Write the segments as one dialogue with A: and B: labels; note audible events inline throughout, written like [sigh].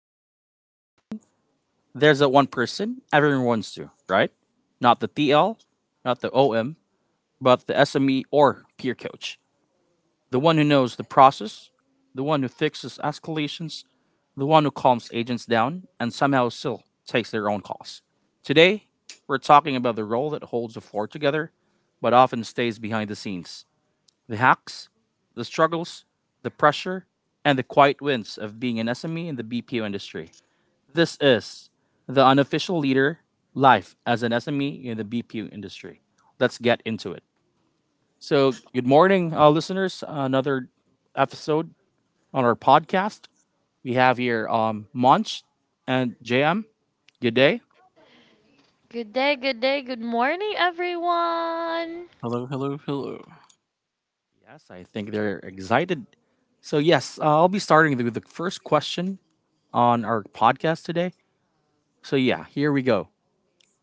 A: every BPO team, there's a one person everyone wants to, right? Not the TL, not the OM, but the SME or peer coach. The one who knows the process, the one who fixes escalations, the one who calms agents down and somehow still takes their own calls. Today, we're talking about the role that holds the floor together, but often stays behind the scenes. The hacks, the struggles, the pressure, and the quiet wins of being an SME in the BPO industry. This is the unofficial leader life as an SME in the BPU industry. Let's get into it. So, good morning, listeners. Another episode on our podcast. We have here Monch and JM. Good day.
B: Good day, good morning, everyone.
C: Hello, hello, hello.
A: Yes, I think they're excited. So, yes, I'll be starting with the first question on our podcast today. So, yeah, here we go.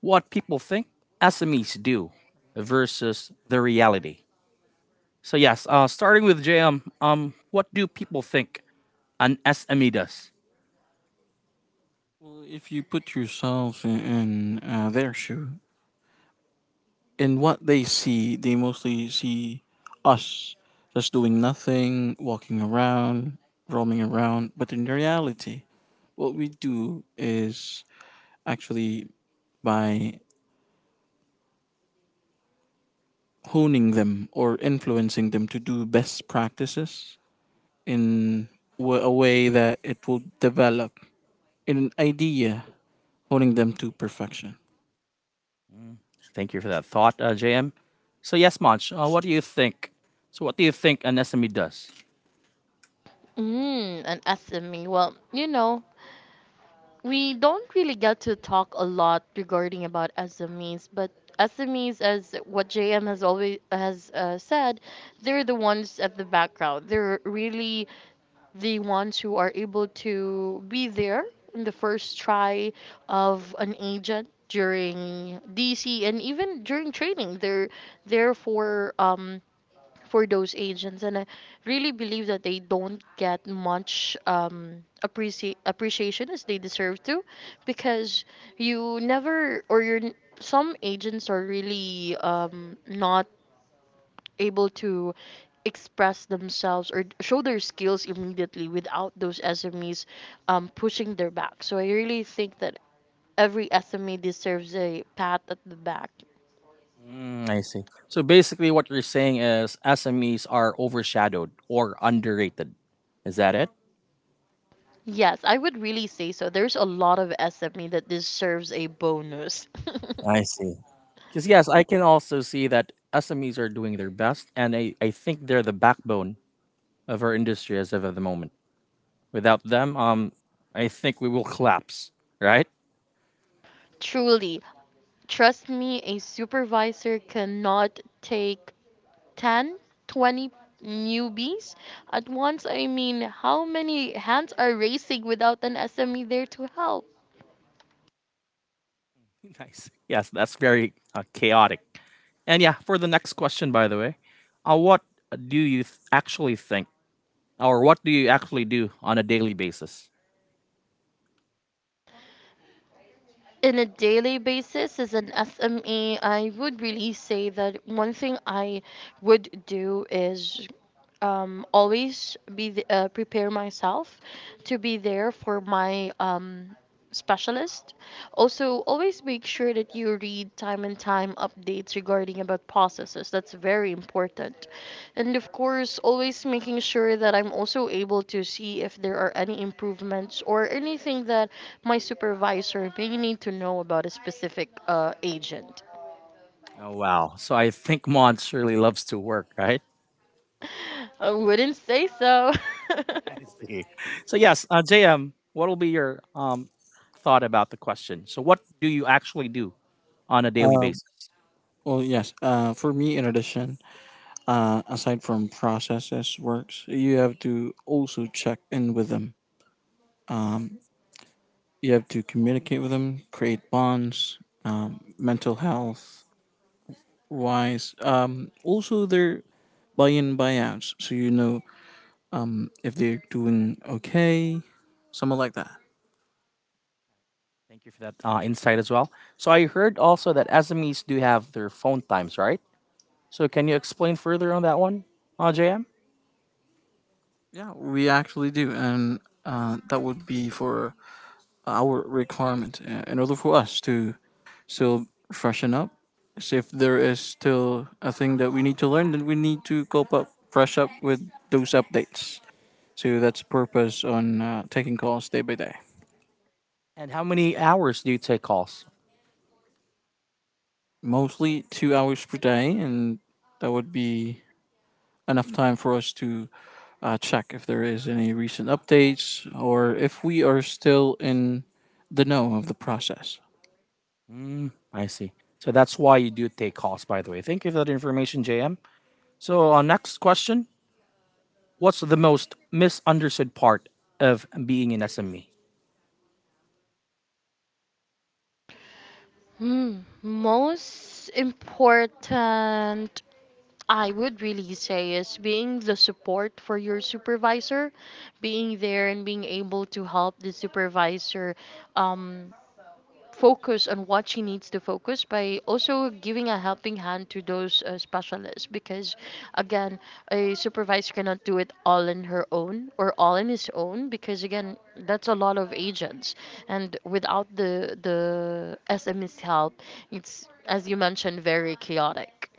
A: What people think SMEs do versus the reality. So yes, starting with JM, what do people think an SME does?
C: Well, if you put yourselves in their shoe, in what they see, they mostly see us just doing nothing, walking around, roaming around. But in reality, what we do is actually by honing them or influencing them to do best practices in a way that it will develop in an idea, honing them to perfection.
A: Thank you for that thought, JM. So yes, Monch, what do you think? So what do you think an SME does?
B: And SME. Well, you know, we don't really get to talk a lot regarding about SMEs, but SMEs, as what JM has always has uh, said, they're the ones at the background. They're really the ones who are able to be there in the first try of an agent during DC and even during training. They're there for those agents, and I really believe that they don't get much appreciation as they deserve to, because you never or you're n- some agents are really not able to express themselves or show their skills immediately without those smes pushing their back. So I really think that every sme deserves a pat at the back.
A: Mm, I see. So basically, what you're saying is SMEs are overshadowed or underrated. Is that it?
B: Yes, I would really say so. There's a lot of SME that deserves a bonus.
A: I see. Because yes, I can also see that SMEs are doing their best, and I think they're the backbone of our industry as of at the moment. Without them, I think we will collapse. Right?
B: [laughs] Truly, trust me, a supervisor cannot take 10, 20 newbies at once. I mean, how many hands are racing without an SME there to help?
A: [laughs] Nice. Yes, that's very chaotic. And yeah, for the next question, by the way, what actually think, or what do you actually do on a daily basis?
B: In a daily basis as an SME, I would really say that one thing I would do is prepare myself to be there for my specialist. Also, always make sure that you read time and time updates regarding about processes. That's very important, and of course, always making sure that I'm also able to see if there are any improvements or anything that my supervisor may need to know about a specific agent.
A: Oh, wow. So I think Mon surely loves to work, right?
B: I wouldn't say so. [laughs]
A: [laughs] I see. So, yes, JM, what will be your thought about the question? So, what do you actually do on a daily basis?
C: Well, yes. For me, in addition, aside from processes, works, you have to also check in with them. You have to communicate with them, create bonds, mental health wise. Also, their buy-in buyouts, so if they're doing okay, something like that.
A: Thank you for that insight as well. So, I heard also that SMEs do have their phone times, right? So, can you explain further on that one, JM?
C: Yeah, we actually do, and that would be for our requirement in order for us to still freshen up. So if there is still a thing that we need to learn, then we need to cope up, fresh up with those updates. So that's purpose on taking calls day by day.
A: And how many hours do you take calls?
C: Mostly 2 hours per day, and that would be enough time for us to check if there is any recent updates or if we are still in the know of the process.
A: Mm, I see. So that's why you do take calls, by the way. Thank you for that information, JM. So, next question. What's the most misunderstood part of being an SME?
B: Hmm, most important, I would really say, is being the support for your supervisor, being there and being able to help the supervisor um, focus on what she needs to focus, by also giving a helping hand to those specialists, because again, a supervisor cannot do it all on her own or all on his own, because again, that's a lot of agents, and without the SME's help, it's, as you mentioned, very chaotic.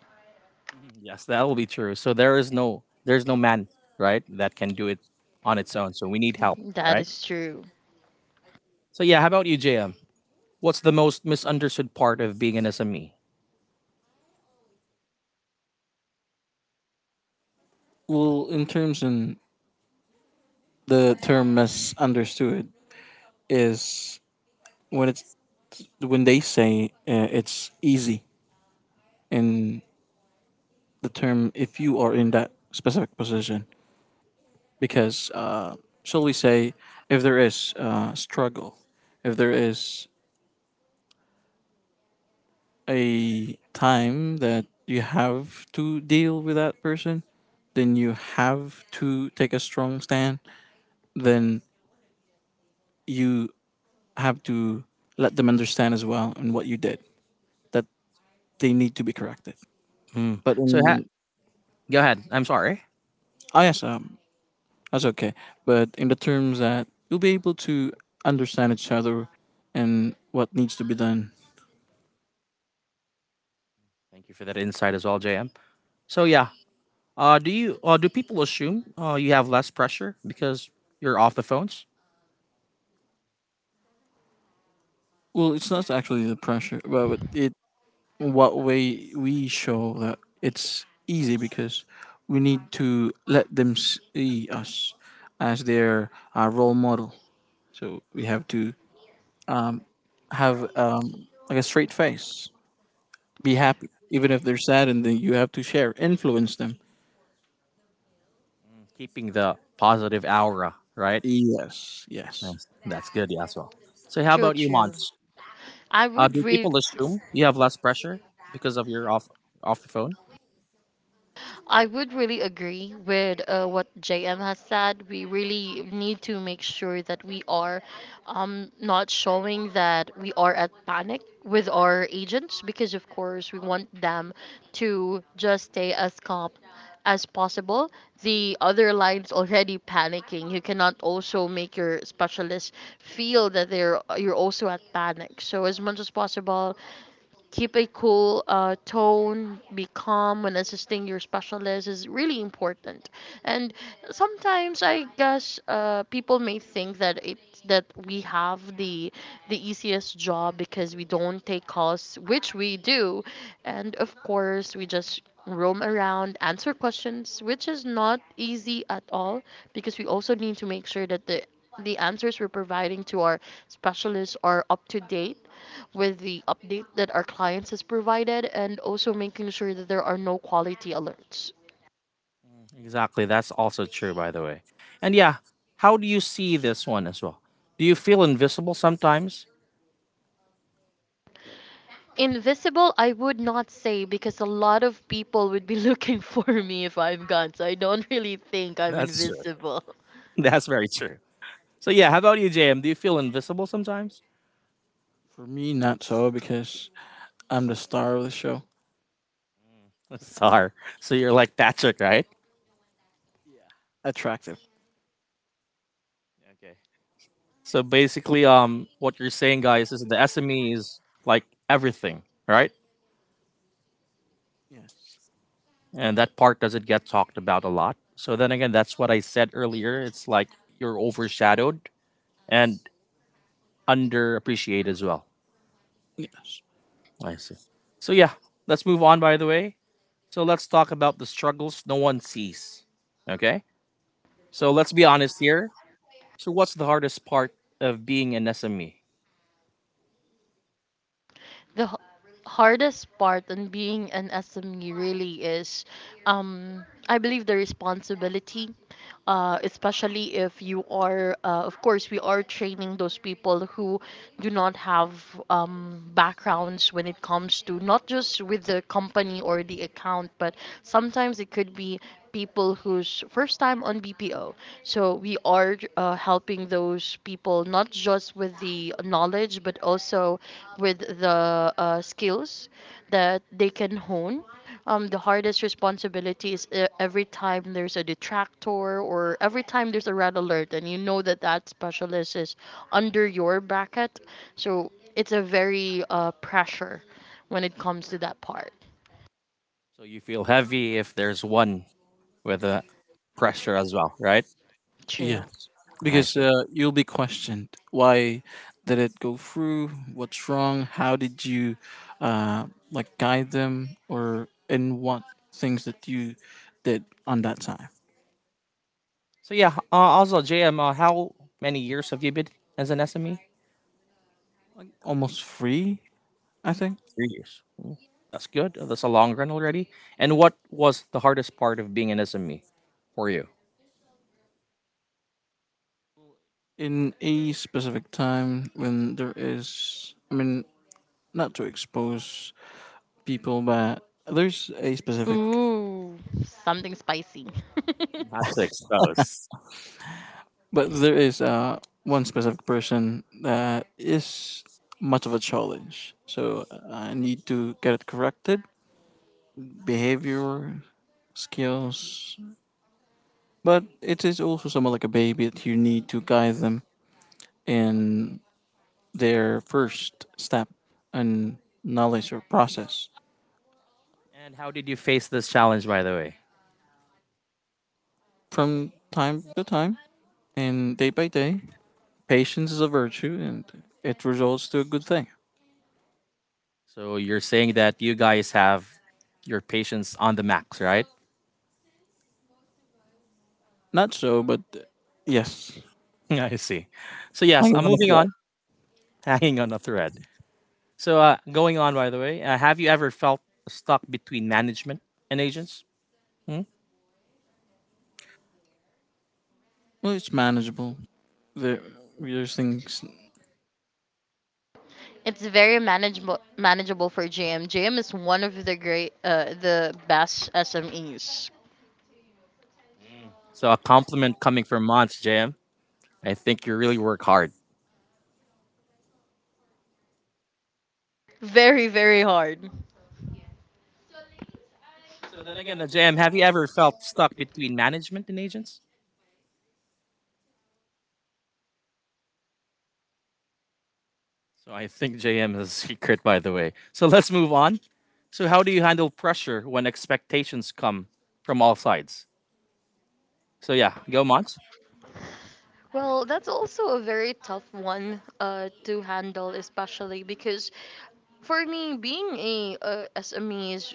A: Yes, that will be true. So there's no man, right, that can do it on its own. So we need help,
B: That
A: right?
B: is true.
A: So yeah, how about you, JM? What's the most misunderstood part of being an SME?
C: Well, in terms in the term misunderstood, is when it's when they say it's easy, in the term if you are in that specific position, because shall we say, if there is struggle, if there is a time that you have to deal with that person, then you have to take a strong stand, then you have to let them understand as well and what you did, that they need to be corrected,
A: Mm.
C: but in
A: Go ahead. I'm sorry.
C: ISM. That's okay. But in the terms that you'll be able to understand each other and what needs to be done.
A: Thank you for that insight as well, JM. So yeah, do people assume you have less pressure because you're off the phones.
C: Well, it's not actually the pressure, but it what way we show that it's easy because we need to let them see us as their role model. So we have to have like a straight face, be happy, even if they're sad, and then you have to share, influence them.
A: Mm, keeping the positive aura, right?
C: Yes, yes.
A: Nice. That's good. Yeah, as well. So how
B: true
A: about you,
B: true
A: Mons?
B: I would
A: Do
B: read.
A: people assume you have less pressure because of your off the phone?
B: I would really agree with what JM has said. We really need to make sure that we are not showing that we are at panic with our agents, because, of course, we want them to just stay as calm as possible. The other line's already panicking. You cannot also make your specialist feel that they're you're also at panic. So as much as possible, keep a cool tone. Be calm when assisting your specialist is really important. And sometimes I guess people may think that we have the easiest job because we don't take calls, which we do, and of course we just roam around, answer questions, which is not easy at all, because we also need to make sure that the answers we're providing to our specialists are up to date with the update that our clients has provided, and also making sure that there are no quality alerts.
A: Exactly. That's also true, by the way. And yeah, how do you see this one as well? Do you feel invisible sometimes?
B: Invisible, I would not say, because a lot of people would be looking [laughs] for me if I'm gone. So I don't really think I'm
A: That's true.
B: invisible.
A: [laughs] That's very true. So yeah, how about you, JM? Do you feel invisible sometimes?
C: For me, not so, because I'm the star of the show.
A: [laughs] Star. So you're like Patrick, right?
C: Yeah. Attractive.
A: Okay. So basically, what you're saying, guys, is the SME is like everything, right?
C: Yes.
A: And that part doesn't get talked about a lot. So then again, that's what I said earlier. It's like you're overshadowed and underappreciated as well.
C: Yes.
A: I see. So yeah, let's move on. By the way, so let's talk about the struggles no one sees. Okay. So let's be honest here. So, what's the hardest part of being an SME?
B: The hardest part on being an SME really is, I believe, the responsibility, especially if you are, of course, we are training those people who do not have backgrounds when it comes to not just with the company or the account, but sometimes it could be people who's first time on BPO. So we are helping those people, not just with the knowledge, but also with the skills that they can hone. The hardest responsibility is every time there's a detractor or every time there's a red alert, and you know that that specialist is under your bracket. So it's a very pressure when it comes to that part.
A: So, you feel heavy if there's one with the pressure as well, right?
B: True.
C: Yeah.
A: I
C: Because
A: see.
C: you'll be questioned. Why did it go through? What's wrong? How did you uh, like guide them, or in what things that you did on that time?
A: So, yeah, also, JM, how many years have you been as an SME?
C: Like almost free, I think.
A: 3 years. That's good. That's a long run already. And what was the hardest part of being an SME for you?
C: In a specific time when there is, I mean, not to expose people, but there's a specific.
B: Ooh, something spicy. [laughs]
A: Not to expose.
C: But there is one specific person that is much of a challenge. So I need to get it corrected. Behavior, skills. But it is also somewhat like a baby that you need to guide them in their first step and knowledge or process.
A: And how did you face this challenge, by the way?
C: From time to time and day by day, patience is a virtue, and it results to a good thing.
A: So, you're saying that you guys have your patience on the max, right?
C: Not so, but yes.
A: [laughs] I see. So, yes,
C: Hang
A: I'm
C: on a.
A: moving on. Hanging on a thread. So, going on, by the way, have you ever felt stuck between management and agents? Hmm?
C: Well, it's manageable. There, there's things.
B: It's very manageable for JM. JM is one of the great the best SMEs.
A: So, a compliment coming from Monts, JM. I think you really work hard.
B: Very very hard.
A: So, then again, JM, have you ever felt stuck between management and agents? So, I think JM is [laughs] a secret, by the way. So, let's move on. So, how do you handle pressure when expectations come from all sides? So, yeah, go Monts.
B: Well, that's also a very tough one to handle, especially because for me, being a SME is,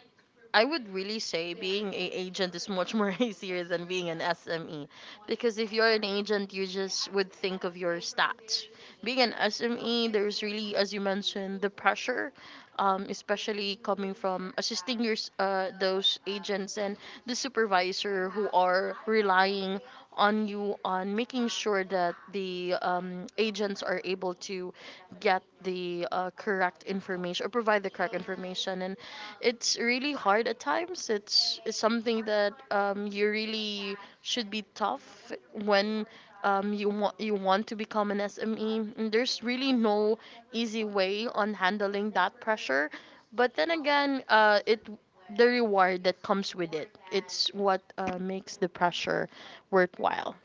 B: I would really say being a agent is much more [laughs] easier than being an SME, because if you're an agent, you just would think of your stats. Being an SME, there's really, as you mentioned, the pressure, especially coming from assisting those agents and the supervisor who are relying on you on making sure that the agents are able to get the correct information or provide the correct information. And it's really hard at times. It's something that you really should be tough when you want to become an SME, and there's really no easy way on handling that pressure. But then again, it the reward that comes with it, it's what makes the pressure worthwhile.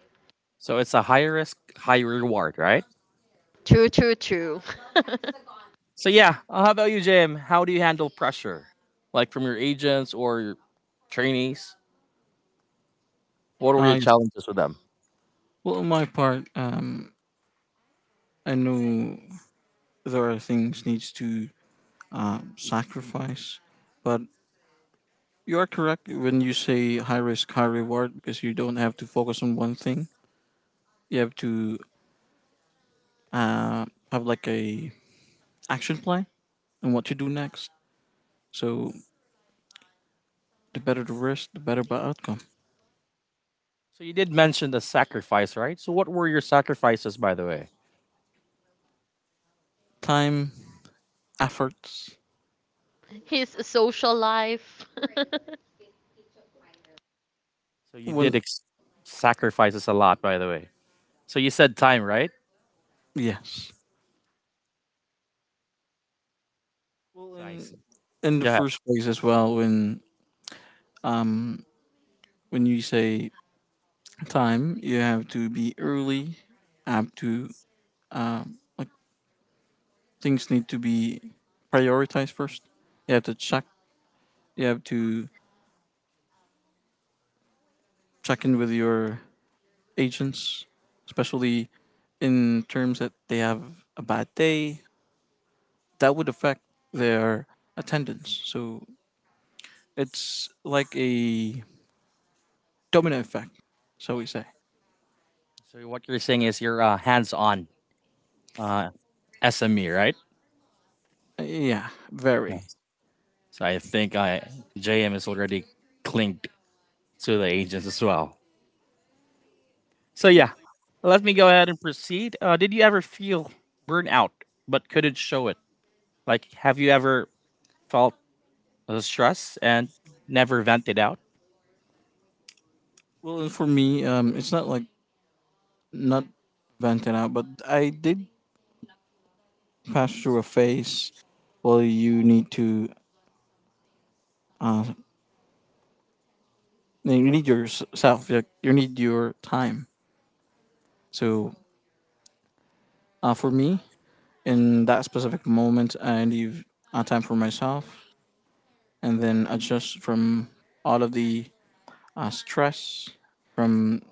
A: So, it's a high risk, high reward, right?
B: True, true, true.
A: So yeah, how about you, Jim? How do you handle pressure, like from your agents or your trainees? What were your
C: I
A: challenges with them?
C: Well, on my part, I know there are things needs to sacrifice, but you are correct when you say high risk, high reward because you don't have to focus on one thing. You have to uh, have like a action plan and what to do next. So the better the risk, the better the outcome.
A: So you did mention the sacrifice, right? So what were your sacrifices, by the way?
C: Time, efforts.
B: [laughs] His social life. [laughs]
A: So you did
C: When
A: sacrifices a lot, by the way. So you said time, right?
C: yes. Well,
A: So I see.
C: in the
A: Go ahead.
C: first place as well, Um, when you say time, you have to be early. Have to like things need to be prioritized first. You have to check. You have to check in with your agents, especially in terms that they have a bad day. That would affect their attendance. So it's like a domino effect, shall we say?
A: So what you're saying is you're hands-on uh, SME, right?
C: Yeah, very.
A: Yes. So I think JM is already clinked to the agents as well. So yeah, let me go ahead and proceed. Did you ever feel burnout but couldn't show it? Like, have you ever felt stress and never vented out?
C: Well, for me, it's not like not venting out, but I did pass through a phase. Well, you need to uh you need yourself, like you need your time. So for me in that specific moment, I leave time for myself and then adjust from all of the stress from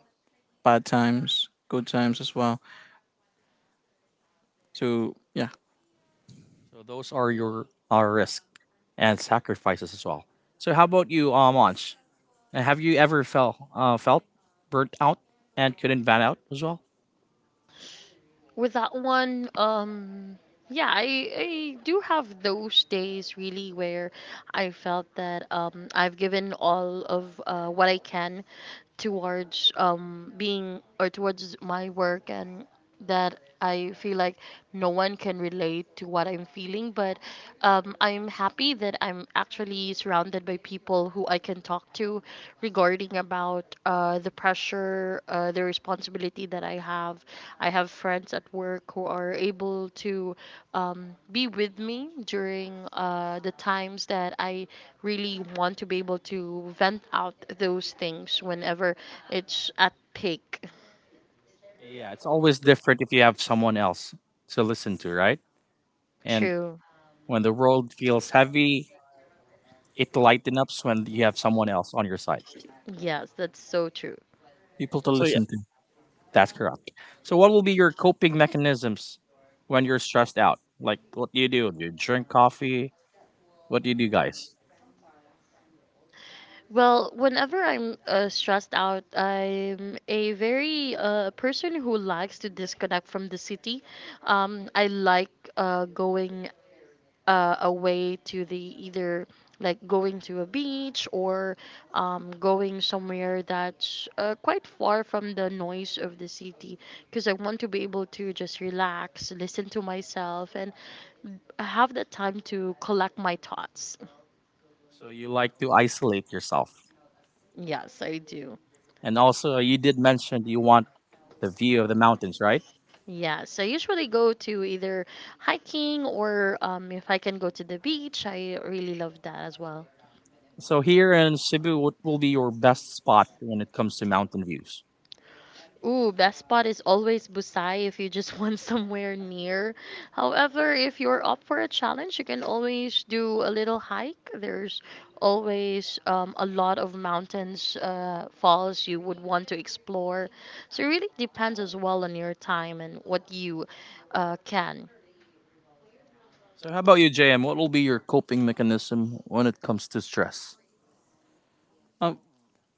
C: bad times, good times as well. So yeah,
A: So those are your our risk and sacrifices as well. So how about you, Monch? Have you ever felt burnt out and couldn't vent out as well?
B: With that one, yeah, I do have those days really where I felt that I've given all of what I can towards being or towards my work, and that I feel like no one can relate to what I'm feeling. But I'm happy that I'm actually surrounded by people who I can talk to regarding about the pressure, the responsibility that I have. I have friends at work who are able to be with me during the times that I really want to be able to vent out those things whenever it's at peak.
A: Yeah, it's always different if you have someone else to listen to, right? And
B: True.
A: when the world feels heavy, it lightens up when you have someone else on your side.
B: Yes, that's so true.
C: people to
A: So yeah,
C: listen to.
A: that's correct. So what will be your coping mechanisms when you're stressed out? Like what do you do? Do you drink coffee? What do you do, guys?
B: Well, whenever I'm stressed out, I'm a very person who likes to disconnect from the city. I like going away to the either like going to a beach or going somewhere that's quite far from the noise of the city, because I want to be able to just relax, listen to myself, and have the time to collect my thoughts.
A: So you like to isolate yourself.
B: Yes, I do.
A: And also you did mention you want the view of the mountains, right?
B: Yeah, so I usually go to either hiking or, if I can go to the beach, I really love that as well.
A: So here in Cebu, what will be your best spot when it comes to mountain views?
B: Ooh, best spot is always Busai if you just [laughs] want somewhere near. However, if you're up for a challenge, you can always do a little hike. There's always a lot of mountains, falls you would want to explore. So it really depends as well on your time and what you can.
A: So how about you, JM? What will be your coping mechanism when it comes to stress?
C: Uh,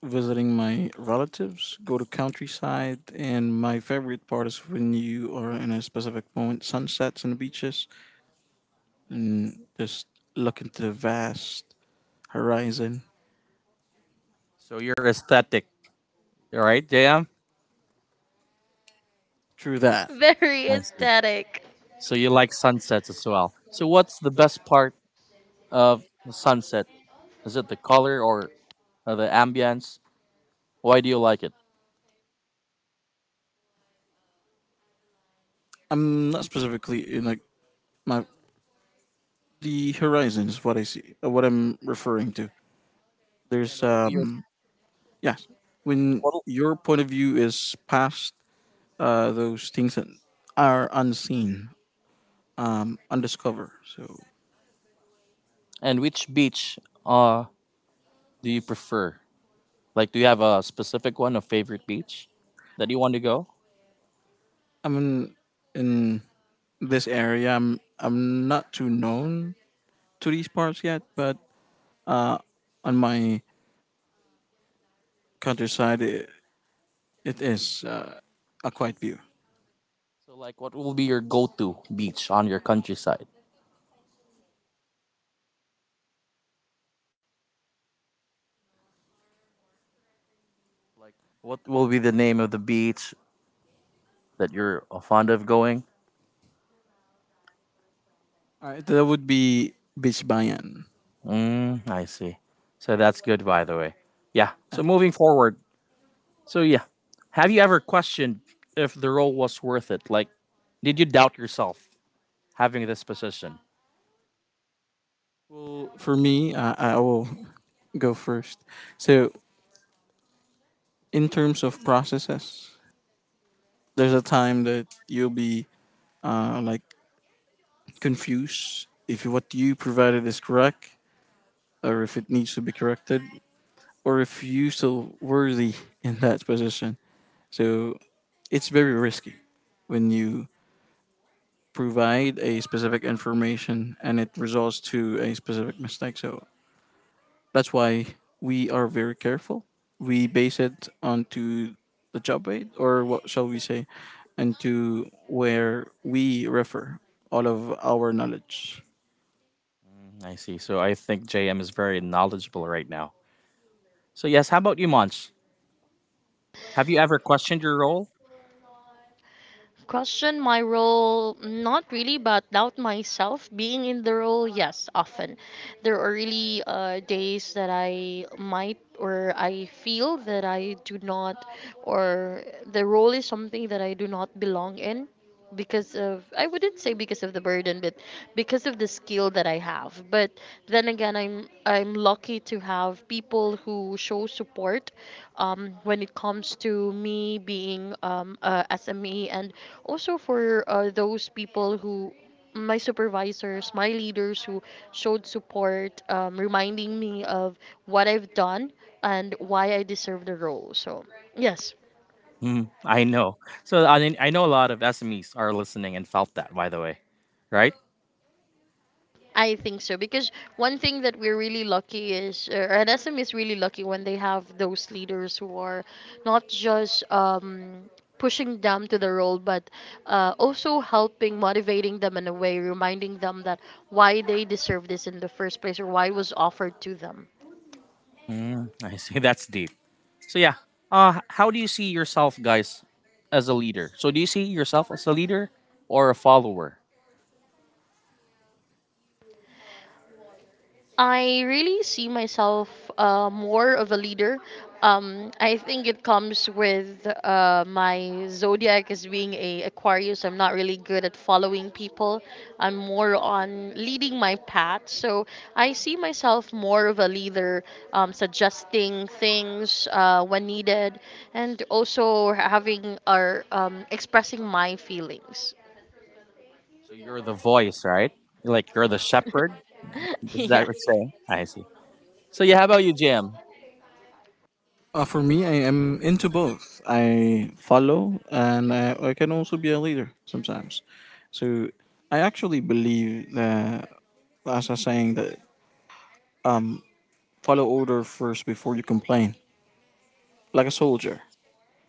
C: Visiting my relatives, go to countryside, and my favorite part is when you are in a specific moment, sunsets and beaches, and just look into the vast horizon.
A: So you're aesthetic, all right, JM?
C: Through that,
B: [laughs] Very
A: I see.
B: aesthetic.
A: So you like sunsets as well. So what's the best part of sunset? Is it the color or the ambience? Why do you like it?
C: I'm not specifically in like my the horizon is what I see, what I'm referring to.
A: And
C: There's
A: what will be your
C: yes, when
A: what'll-
C: your point of view is past those things that are unseen, undiscovered. So
A: and which beach uh do you prefer? Like, do you have a specific one, a favorite beach that you want to go?
C: I'm in this area. I'm not too known to these parts yet, but uh, on my countryside, it is a quiet view.
A: So, like, what will be your go-to beach on your countryside? Like, what will be the name of the beach that you're fond of going?
C: All right, that would be Beach Bayan.
A: Mm, I see. So that's good, by the way. Yeah.
C: Uh,
A: So moving forward, so yeah, have you ever questioned if the role was worth it? Like, did you doubt yourself having this position?
C: Well, for me, I will go first. So, in terms of processes, there's a time that you'll be like confused if what you provided is correct, or if it needs to be corrected, or if you still worthy in that position. So it's very risky when you provide a specific information and it results to a specific mistake. So that's why we are very careful. We base it onto the job aid, or what shall we say, and to where we refer all of our knowledge.
A: I see. So I think JM is very knowledgeable right now. So yes, how about you, Monch? Have you ever questioned your role?
B: Question my role, not really, but doubt myself. Being in the role, yes, often. There are really days that I might, or I feel that I do not, or the role is something that I do not belong in, because of, I wouldn't say because of the burden, but because of the skill that I have. But then again, I'm lucky to have people who show support when it comes to me being a SME, and also, for those people who, my supervisors, my leaders who showed support, reminding me of what I've done and why I deserve the role. So, yes,
A: Hmm, I know. So I mean, I know a lot of SMEs are listening and felt that. By the way, right?
B: I think so, because one thing that we're really lucky is, or SM is really lucky, when they have those leaders who are not just pushing them to the role, but also helping, motivating them in a way, reminding them that why they deserve this in the first place or why it was offered to them.
A: Mm, I see. [laughs] That's deep. So yeah, how do you see yourself, guys, as a leader? So do you see yourself as a leader or a follower?
B: I really see myself more of a leader. I think it comes with my zodiac as being a Aquarius. I'm not really good at following people. I'm more on leading my path. So I see myself more of a leader, suggesting things when needed, and also having or expressing my feelings.
A: So you're the voice, right? Like you're the shepherd.
B: [laughs]
A: Is that what
B: Yes.
A: you're saying? I see. So yeah, how about you, Jam?
C: For me, I am into both. I follow, and I can also be a leader sometimes. So I actually believe that, as I'm saying, that follow order first before you complain, like a soldier.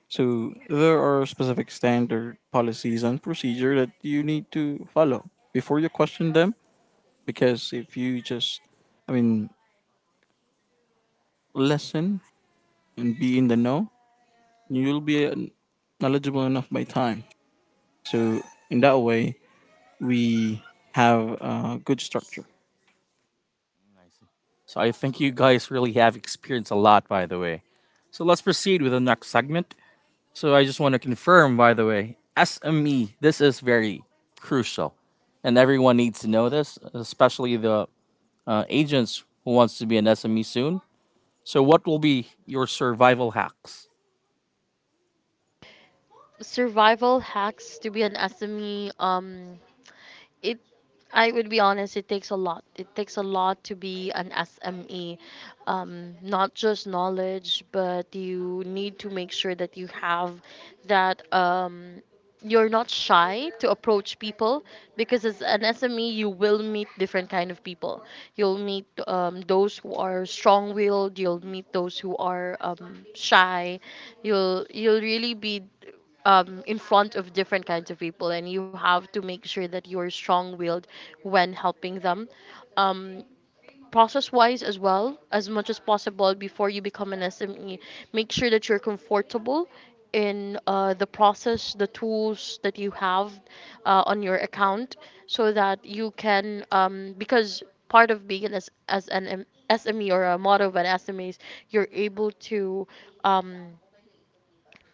C: So there are specific standard policies and procedure that you need to follow before you question them. Because if you just, I mean, listen and be in the know, you'll be knowledgeable enough by time. So in that way, we have a good structure.
A: So I think you guys really have experienced a lot, by the way. So let's proceed with the next segment. So I just want to confirm, by the way, SME. This is very crucial, and everyone needs to know this, especially the agents who wants to be an SME soon. So what will be your survival hacks?
B: Survival hacks to be an SME, it I would be honest, it takes a lot. It takes a lot to be an SME, not just knowledge, but you need to make sure that you have that. You're not shy to approach people, because as an SME you will meet different kind of people. You'll meet those who are strong-willed. You'll meet those who are shy. You'll really be in front of different kinds of people, and you have to make sure that you're strong-willed when helping them. Um, Process-wise as well, as much as possible before you become an SME, make sure that you're comfortable in the process, the tools that you have on your account, so that you can because part of being an as an M- SME or a model of an SME is you're able to um,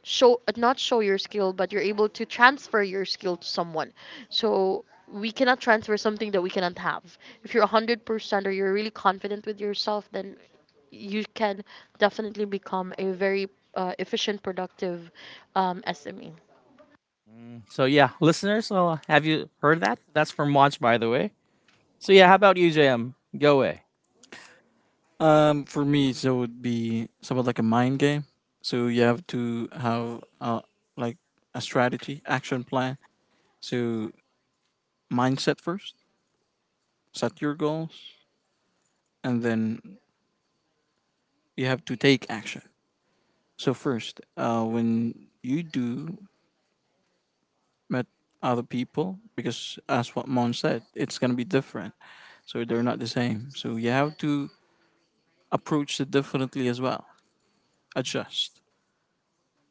B: show not show your skill but you're able to transfer your skill to someone, so we cannot transfer something that we cannot have. If you're 100% or you're really confident with yourself, then you can definitely become a very efficient, productive SME.
A: So yeah, listeners, have you heard that? That's from Monch, by the way. So yeah, how about you, JM? Go away.
C: For me, so it would be somewhat like a mind game. So you have to have like a strategy, action plan. So mindset first, set your goals, and then you have to take action. So first, when you do met other people, because as what Mon said, it's gonna be different. So they're not the same. So you have to approach it differently as well. Adjust.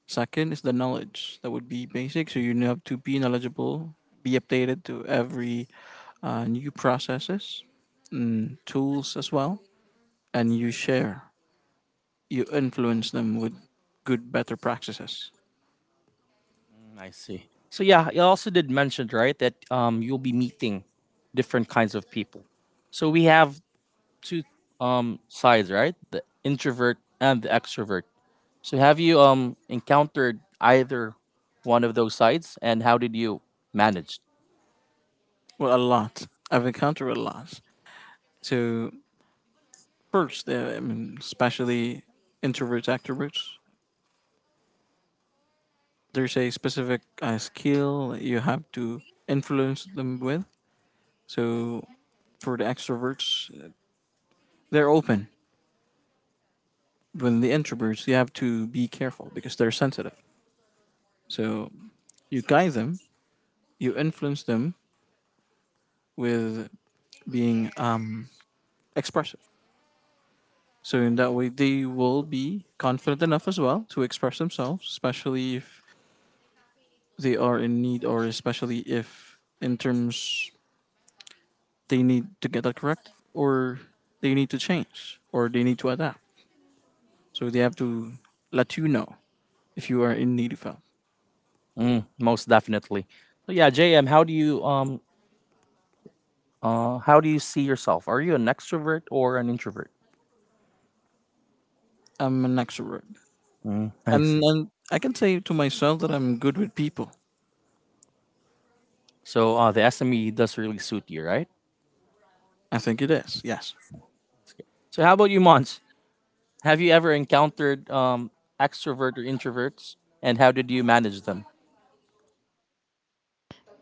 C: Second is the knowledge. That would be basic. So you have to be knowledgeable, be updated to every new processes, tools as well, and you share, you influence them with good, better practices.
A: Mm, I see. So yeah, you also did mention right that you'll be meeting different kinds of people. So we have two sides, right? The introvert and the extrovert. So have you encountered either one of those sides, and how did you manage?
C: Well, a lot. I've encountered a lot. So first, I mean, especially introverts, extroverts, there's a specific skill that you have to influence them with. So for the extroverts, they're open, when the introverts, you have to be careful because they're sensitive. So you guide them, you influence them with being expressive. So in that way, they will be confident enough as well to express themselves, especially if they are in need, or especially if in terms they need to get that correct, or they need to change, or they need to adapt. So they have to let you know if you are in need of help.
A: Mm, most definitely. So yeah, JM, how do you see yourself? Are you an extrovert or an introvert?
C: I'm an extrovert.
A: Mm, I
C: and
A: see.
C: and I can say to myself that I'm good with people.
A: So the SME does really suit you, right?
C: I think it is. Yes.
A: So how about you, Mons? Have you ever encountered extrovert or introverts, and how did you manage them?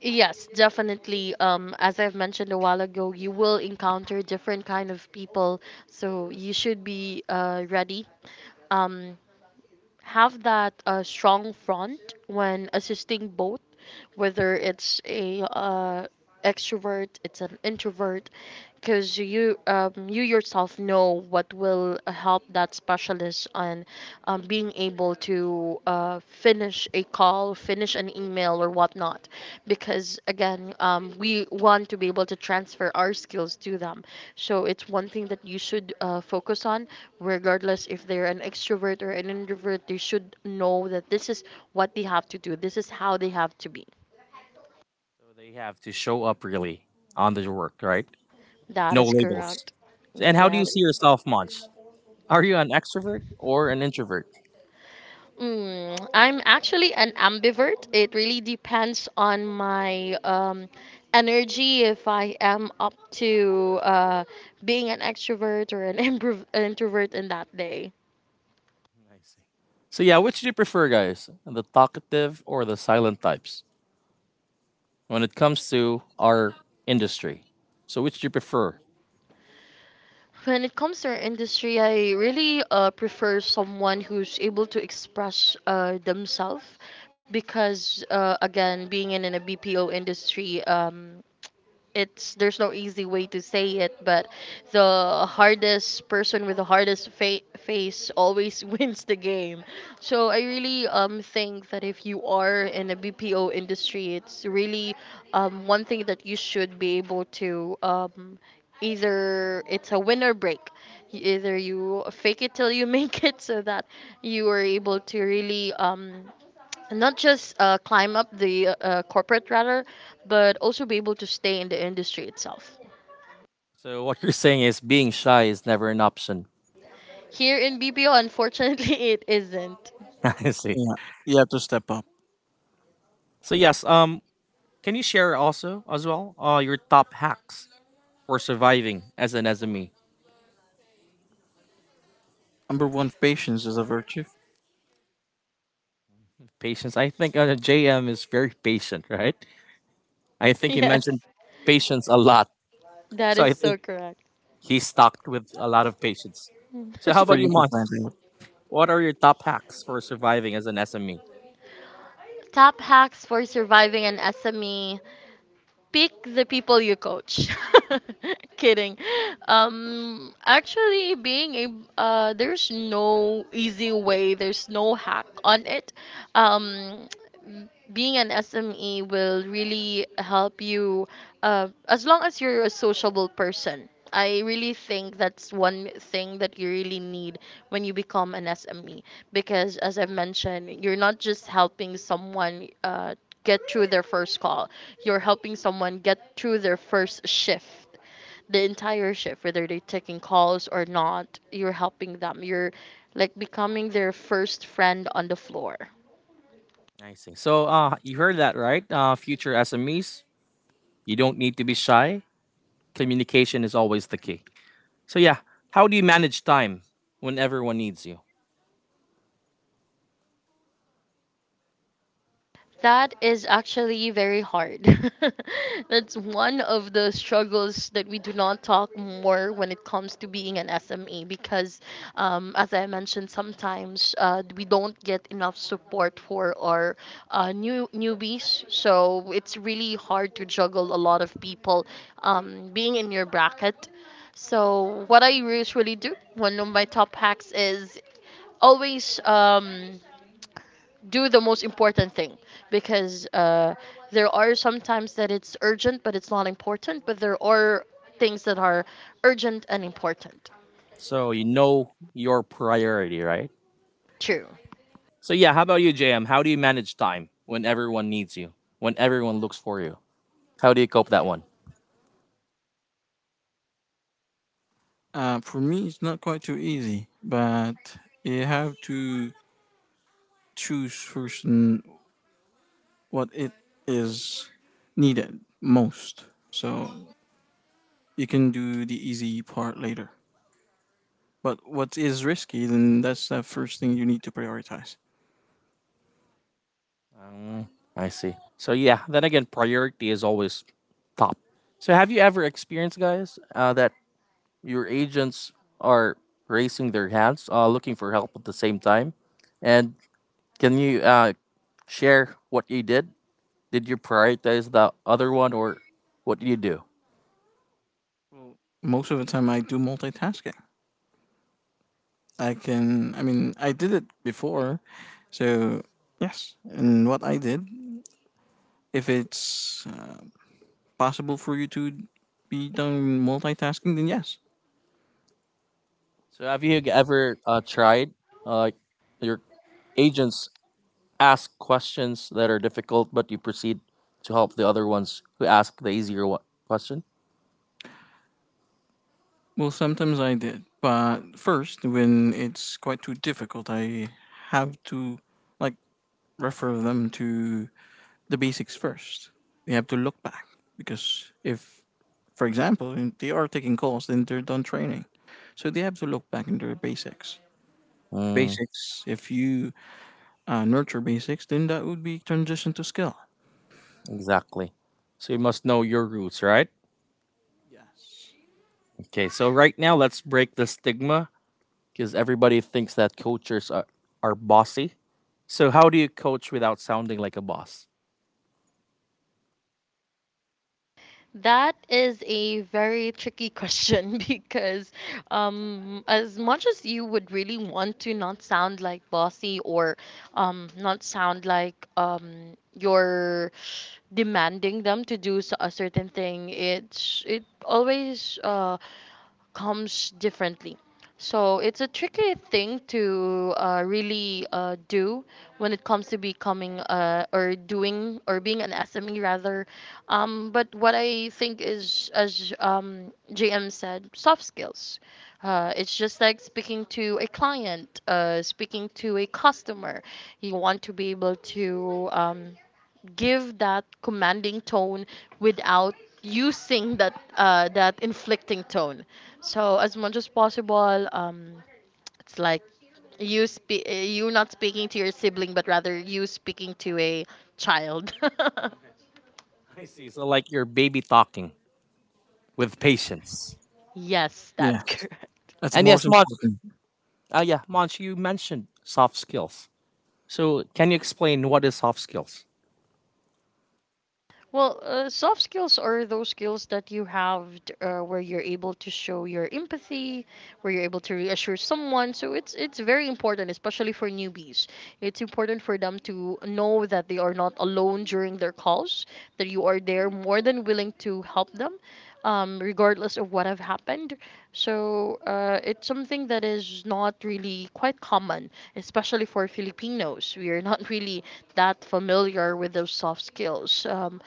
B: Yes, definitely. As I've mentioned a while ago, you will encounter different kind of people, so you should be ready. Um, have that strong front when assisting both, whether it's a extrovert, it's an introvert, because you yourself know what will help that specialist on being able to finish a call, finish an email or whatnot, because again we want to be able to transfer our skills to them, so it's one thing that you should focus on, regardless if they're an extrovert or an introvert. They should know that this is what they have to do. This is how they have to be.
A: So they have to show up really on the work, right?
B: That
A: No
B: is
A: labels.
B: correct.
A: And how do you
B: That
A: see yourself, Mons? Are you an extrovert or an introvert?
B: Mm, I'm actually an ambivert. It really depends on my energy, if I am up to being an extrovert or an [laughs] introvert in that day.
A: I see. So yeah, which do you prefer, guys? The talkative or the silent types? When it comes to our industry, so which do you prefer?
B: When it comes to our industry, I really prefer someone who's able to express themselves, because again, being in a BPO industry, it's there's no easy way to say it, but the hardest person with the hardest face always [laughs] wins the game. So I really think that if you are in a BPO industry, it's really one thing that you should be able to either it's a win or break. Either you fake it till you [laughs] make it, so that you are able to really not just climb up the corporate ladder, but also be able to stay in the industry itself.
A: So what you're saying is being shy is never an option.
B: Here in BPO, unfortunately, [laughs] it isn't. [laughs]
A: [laughs] I see.
C: Yeah. You have to step up.
A: So yes, can you share also as well your top hacks for surviving as an SME?
C: Number one, patience is a virtue.
A: Patience. I think JM is very patient, right? I think he
B: Yes,
A: mentioned patience a lot,
B: that
A: so I
B: is so
A: think
B: correct.
A: he's stocked with a lot of patience. So
C: It's
A: how
C: for
A: about you,
C: you to
B: [laughs]
A: Mons?
C: find out.
A: What are your top hacks for surviving as an SME?
B: Top hacks for surviving an SME, pick the people you coach. [laughs] Kidding. Actually, being a there's no easy way. There's no hack on it. Um, Being an SME will really help you as long as you're a sociable person. I really think that's one thing that you really need when you become an SME. Because, as I mentioned, you're not just helping someone get through their first call, you're helping someone get through their first shift, the entire shift, whether they're taking calls or not, you're helping them. You're like becoming their first friend on the floor.
A: I see. So you heard that right? Future SMEs, you don't need to be shy. Communication is always the key. So yeah, how do you manage time when everyone needs you?
B: That is actually very hard. [laughs] That's one of the struggles that we do not talk more when it comes to being an SME, because as I mentioned, sometimes we don't get enough support for our newbies. So it's really hard to juggle a lot of people being in your bracket. So what I usually do, one of my top hacks is always. Do the most important thing, because there are sometimes that it's urgent but it's not important, but there are things that are urgent and important.
A: So you know your priority, right?
B: True
A: So yeah, how about you, JM? How do you manage time when everyone needs you? When everyone looks for you? How do you cope that one?
C: For me, it's not quite too easy, but you have to choose first, what it is needed most. So you can do the easy part later. But what is risky, then that's the first thing you need to prioritize.
A: Um, I see. So yeah, then again, priority is always top. So have you ever experienced, guys, that your agents are raising their hands, looking for help at the same time? And can you share what you did? Did you prioritize the other one, or what did you do?
C: Well, most of the time, I do multitasking. I can. I mean, I did it before, so yes. And what I did, if it's possible for you to be done multitasking, then yes.
A: So have you ever tried like your agents ask questions that are difficult, but you proceed to help the other ones who ask the question?
C: Well, sometimes I did, but first, when it's quite too difficult, I have to like refer them to the basics first. They have to look back because if, for example, if they are taking calls, then they're done training, so they have to look back into their basics
A: Mm,
C: basics. If you nurture basics, then that would be transition to skill.
A: exactly. So you must know your roots, right?
C: Yes.
A: Okay. So right now, let's break the stigma because everybody thinks that coaches are bossy. So how do you coach without sounding like a boss?
B: that is a very tricky question, [laughs] because as much as you would really want to not sound like bossy or not sound like you're demanding them to do a certain thing, it always comes differently. So it's a tricky thing to really do when it comes to becoming or doing or being an SME rather. But what I think is, as JM said, soft skills. It's just like speaking to a client, speaking to a customer. You want to be able to give that commanding tone without using that that inflicting tone. So as much as possible, it's like you you not speaking to your sibling, but rather you speaking to a child.
A: I see. So like your baby talking with patience.
B: [laughs] Yes, that's
C: Yes.
B: correct.
C: That's the
A: And yes,
C: most
A: Monch.
C: important.
A: Yeah, Monch, you mentioned soft skills. So, can you explain what is soft skills?
B: Well, soft skills are those skills that you have where you're able to show your empathy, where you're able to reassure someone. So it's very important, especially for newbies. It's important for them to know that they are not alone during their calls, that you are there more than willing to help them, regardless of what have happened. So it's something that is not really quite common, especially for Filipinos. We are not [laughs] really that familiar with those soft skills.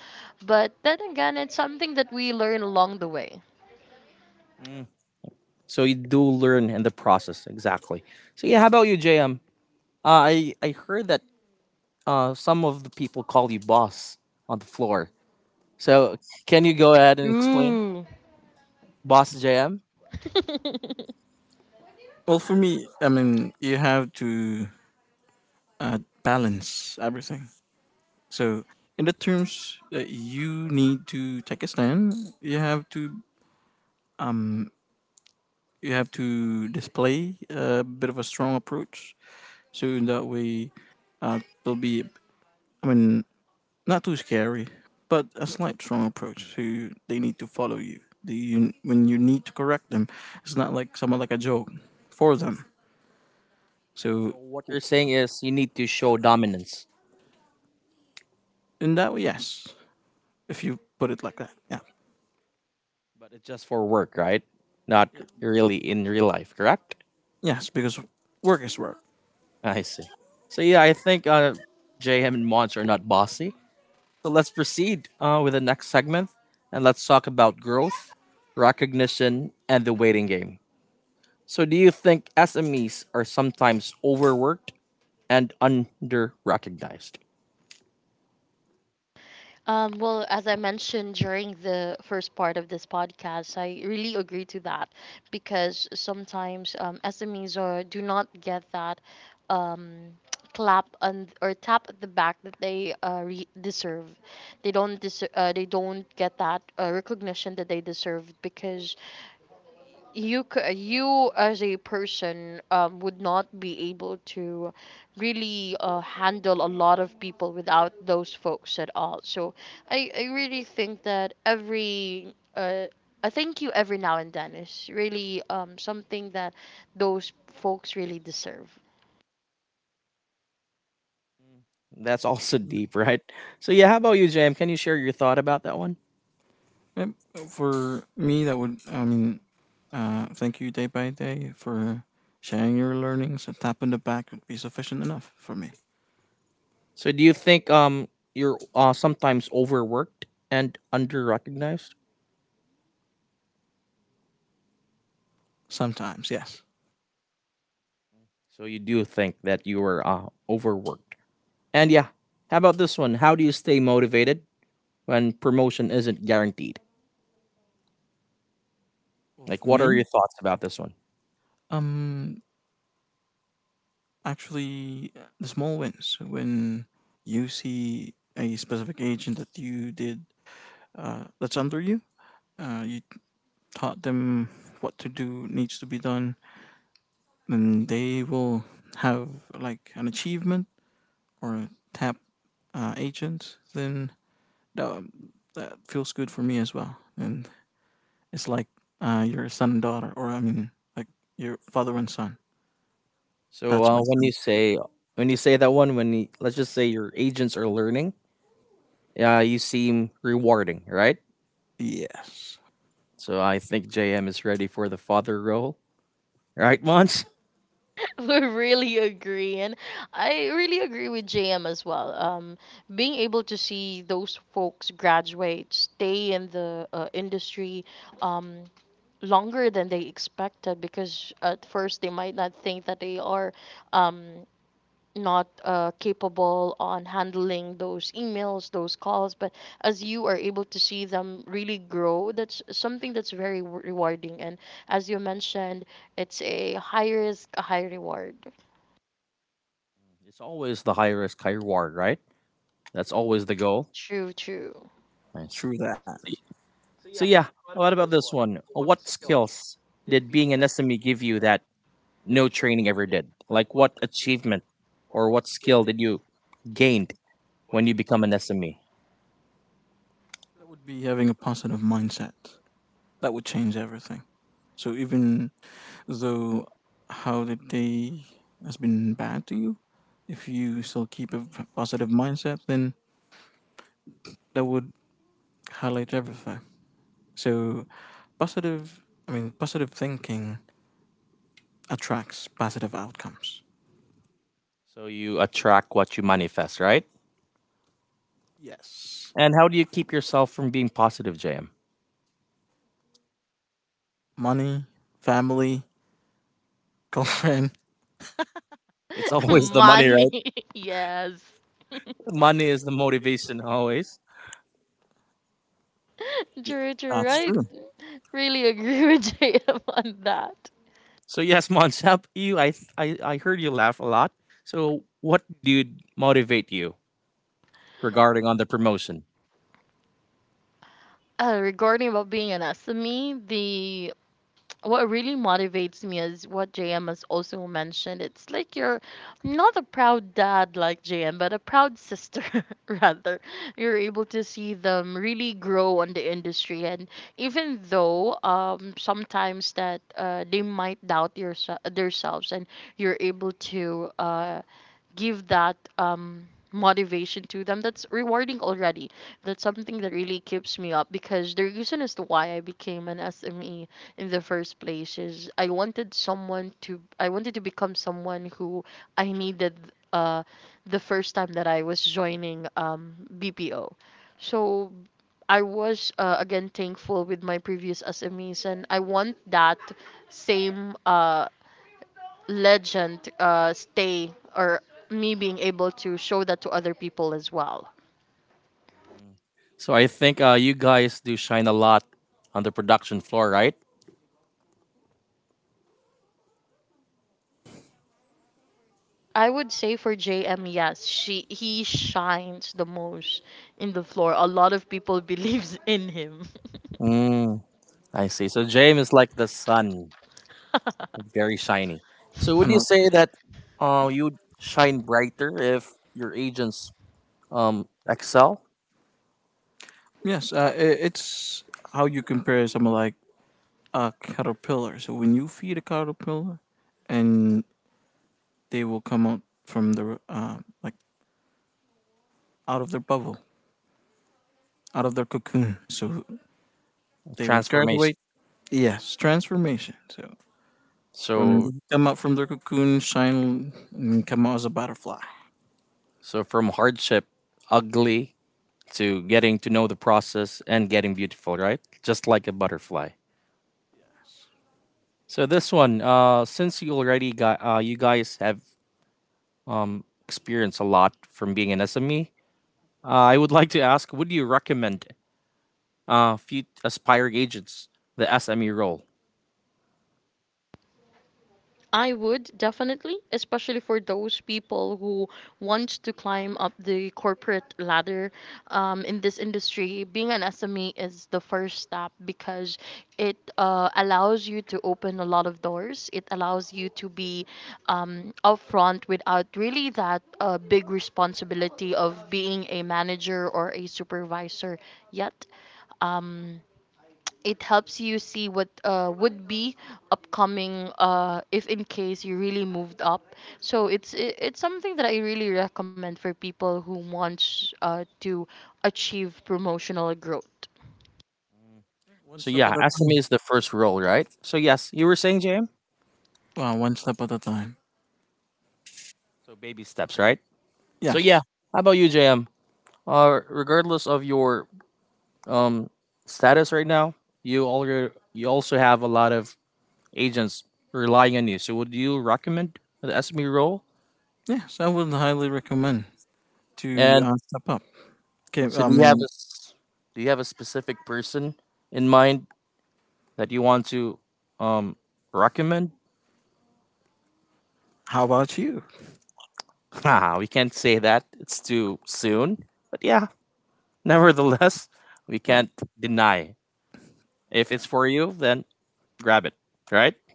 B: But then again, it's something that we learn along the way.
A: So you do learn in the process, exactly. So yeah, how about you, JM? I heard that some of the people call you boss on the floor. So can you go ahead and explain,
B: Ooh.
A: boss JM?
B: [laughs]
C: Well, for me, I mean, you have to balance everything. So, in the terms that you need to take a stand, you have to, you have to display a bit of a strong approach. So in that way, uh, there'll be, I mean, not too scary, but a slight strong approach, to they need to follow you. The, you, when you need to correct them, it's not like someone, like a joke for them. So
A: So what you're saying is you need to show dominance,
C: in that way, yes, if you put it like that, yeah.
A: but it's just for work, right? Not really in real life, correct?
C: Yes, because work is work.
A: I see. So yeah, I think JM and Mons are not bossy. So let's proceed with the next segment and let's talk about growth, recognition, and the waiting game. So, do you think SMEs are sometimes overworked and under recognized?
B: Well, as I mentioned during the first part of this podcast, I really agree to that, because sometimes SMEs do not get that um, [tsk] clap on or tap at the back that they deserve. They don't get that recognition that they deserve, because you as a person would not be able to really handle a lot of people without those folks at all. So I really think that every a thank you every now and then is really something that those folks really deserve.
A: That's also [laughs] deep, right? So, yeah, how about you, Jam? Can you share your thought about that one?
C: Yep. For me, that would, I mean, thank you day by day for sharing your learnings. A tap on the back would be sufficient enough for me.
A: So, do you think you're sometimes overworked and under recognized?
C: Sometimes, yes.
A: So, you do think that you are overworked. And yeah, how about this one? How do you stay motivated when promotion isn't guaranteed?
C: Well,
A: Like,
C: for
A: what are your
C: me,
A: thoughts about this one?
C: um, actually, the small wins, when you see a specific agent that you did, that's under you, you taught them what to do needs to be done, and they will have like an achievement or a tap agent. Then that, that, feels good for me as well, and it's like your son and daughter, or I mean, like your father and son.
A: So,
C: That's my son.
A: when you say that one, when you, let's just say your agents are learning, you seem rewarding, right?
C: Yes,
A: So, I think JM is ready for the father role, right, Mons? [laughs]
B: [laughs] We really agree, and I really agree with JM as well. Being able to see those folks graduate, stay in the industry um, longer than they expected, because at first they might not think that they are um, not capable on handling those emails, those calls. But as you are able to see them really grow, that's something that's very rewarding. And as you mentioned, it's a high risk, a high reward.
A: It's always the high risk, high reward, right? That's always the goal.
B: True, true.
A: I
C: true
A: see.
C: that.
A: So, so yeah, what about this one? What skills did being an SME give you that no training ever did? Like, what achievement or what skill did you gained when you become an SME?
C: That would be having a positive mindset. That would change everything. So even though how the day has been bad to you, if you still keep a positive mindset, then that would highlight everything. So positive, I mean, positive thinking attracts positive outcomes.
A: So you attract what you manifest, right?
C: Yes.
A: And how do you keep yourself from being positive, JM?
C: Money, family, [laughs] girlfriend.
A: It's [laughs]
B: Of [laughs]
A: always the money,
B: Money.
A: right?
B: [laughs] Yes.
A: Money is the motivation always.
B: True, true.
C: That's
B: I
C: true.
B: really agree with [laughs] JM on that.
A: So yes, Monsep, [laughs] you I heard you laugh a lot. So what did motivate you regarding on the promotion?
B: Regarding about being an SME, what really motivates me is what JM has also mentioned. It's like you're not a proud dad like JM, but a proud sister, [laughs] rather. You're able to see them really grow on the industry. And even though sometimes that they might doubt themselves, and you're able to give that motivation to them, that's rewarding already. That's something that really keeps me up, because the reason as to why I became an SME in the first place is I wanted to become someone who I needed uh the first time that I was joining BPO. So I was again thankful with my previous SMEs, and I want that same legend stay or me being able to show that to other people as well.
A: So I think you guys do shine a lot on the production floor, right?
B: I would say for JM, yes, she he shines the most in the floor. A lot of people [laughs] believes in him.
A: Mm, I see. So JM is like the sun,
B: [laughs]
A: very shiny. So would
C: And
A: you say that you'd shine brighter if your agents excel
C: yes, I it's how you compare someone like a caterpillar. So when you feed a caterpillar, and they will come out from the like out of their bubble, out of their cocoon. So they would
A: transformation.
C: graduate. Yes, transformation. So
A: So
C: from come out from their cocoon, shine, and come out as a butterfly.
A: so from hardship, ugly to getting to know the process and getting beautiful, right? Just like a butterfly. So this one, since you already got you guys have experienced a lot from being an SME, I would like to ask, would you recommend few aspiring agents the SME role?
B: I would definitely, especially for those people who want to climb up the corporate ladder in this industry. Being an SME is the first step, because it allows you to open a lot of doors. It allows you to be upfront without really that big responsibility of being a manager or a supervisor yet. Um, it helps you see what would be upcoming if in case you really moved up. So it's something that I really recommend for people who wants to achieve promotional growth.
C: One
A: So
C: step
A: yeah,
C: at a
A: SME
C: time.
A: is the first role, right? So yes, you were saying JM.
C: Wow, one step at a time.
A: So baby steps, right? So yeah,
C: Yes,
A: how about you, JM? Regardless of your um status right now, you also have a lot of agents relying on you. So, would you recommend the SME role?
C: yes, I would highly recommend to
A: And
C: step up. Okay,
A: so,
C: I mean,
A: do you have a specific person in mind that you want to um recommend? [laughs]
C: how about you?
A: Nah, we can't say that; it's too soon. But yeah, [laughs] nevertheless, we
C: Yeah,
A: can't deny if it's for you, then grab it. Right? [laughs]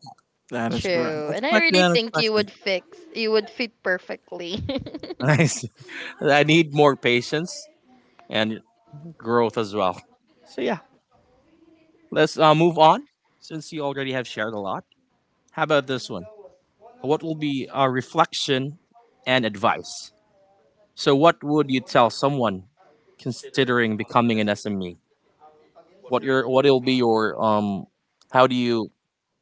C: that is correct.
B: True. And I
C: Expect the
B: really think
C: unexpected.
B: you would fit perfectly.
A: Nice. I need more patience
B: [laughs]
A: and growth as well. So yeah, let's move on since you already have shared a lot. How about this one? What will be a reflection and advice? So what would you tell someone considering becoming an SME? What will be your how do you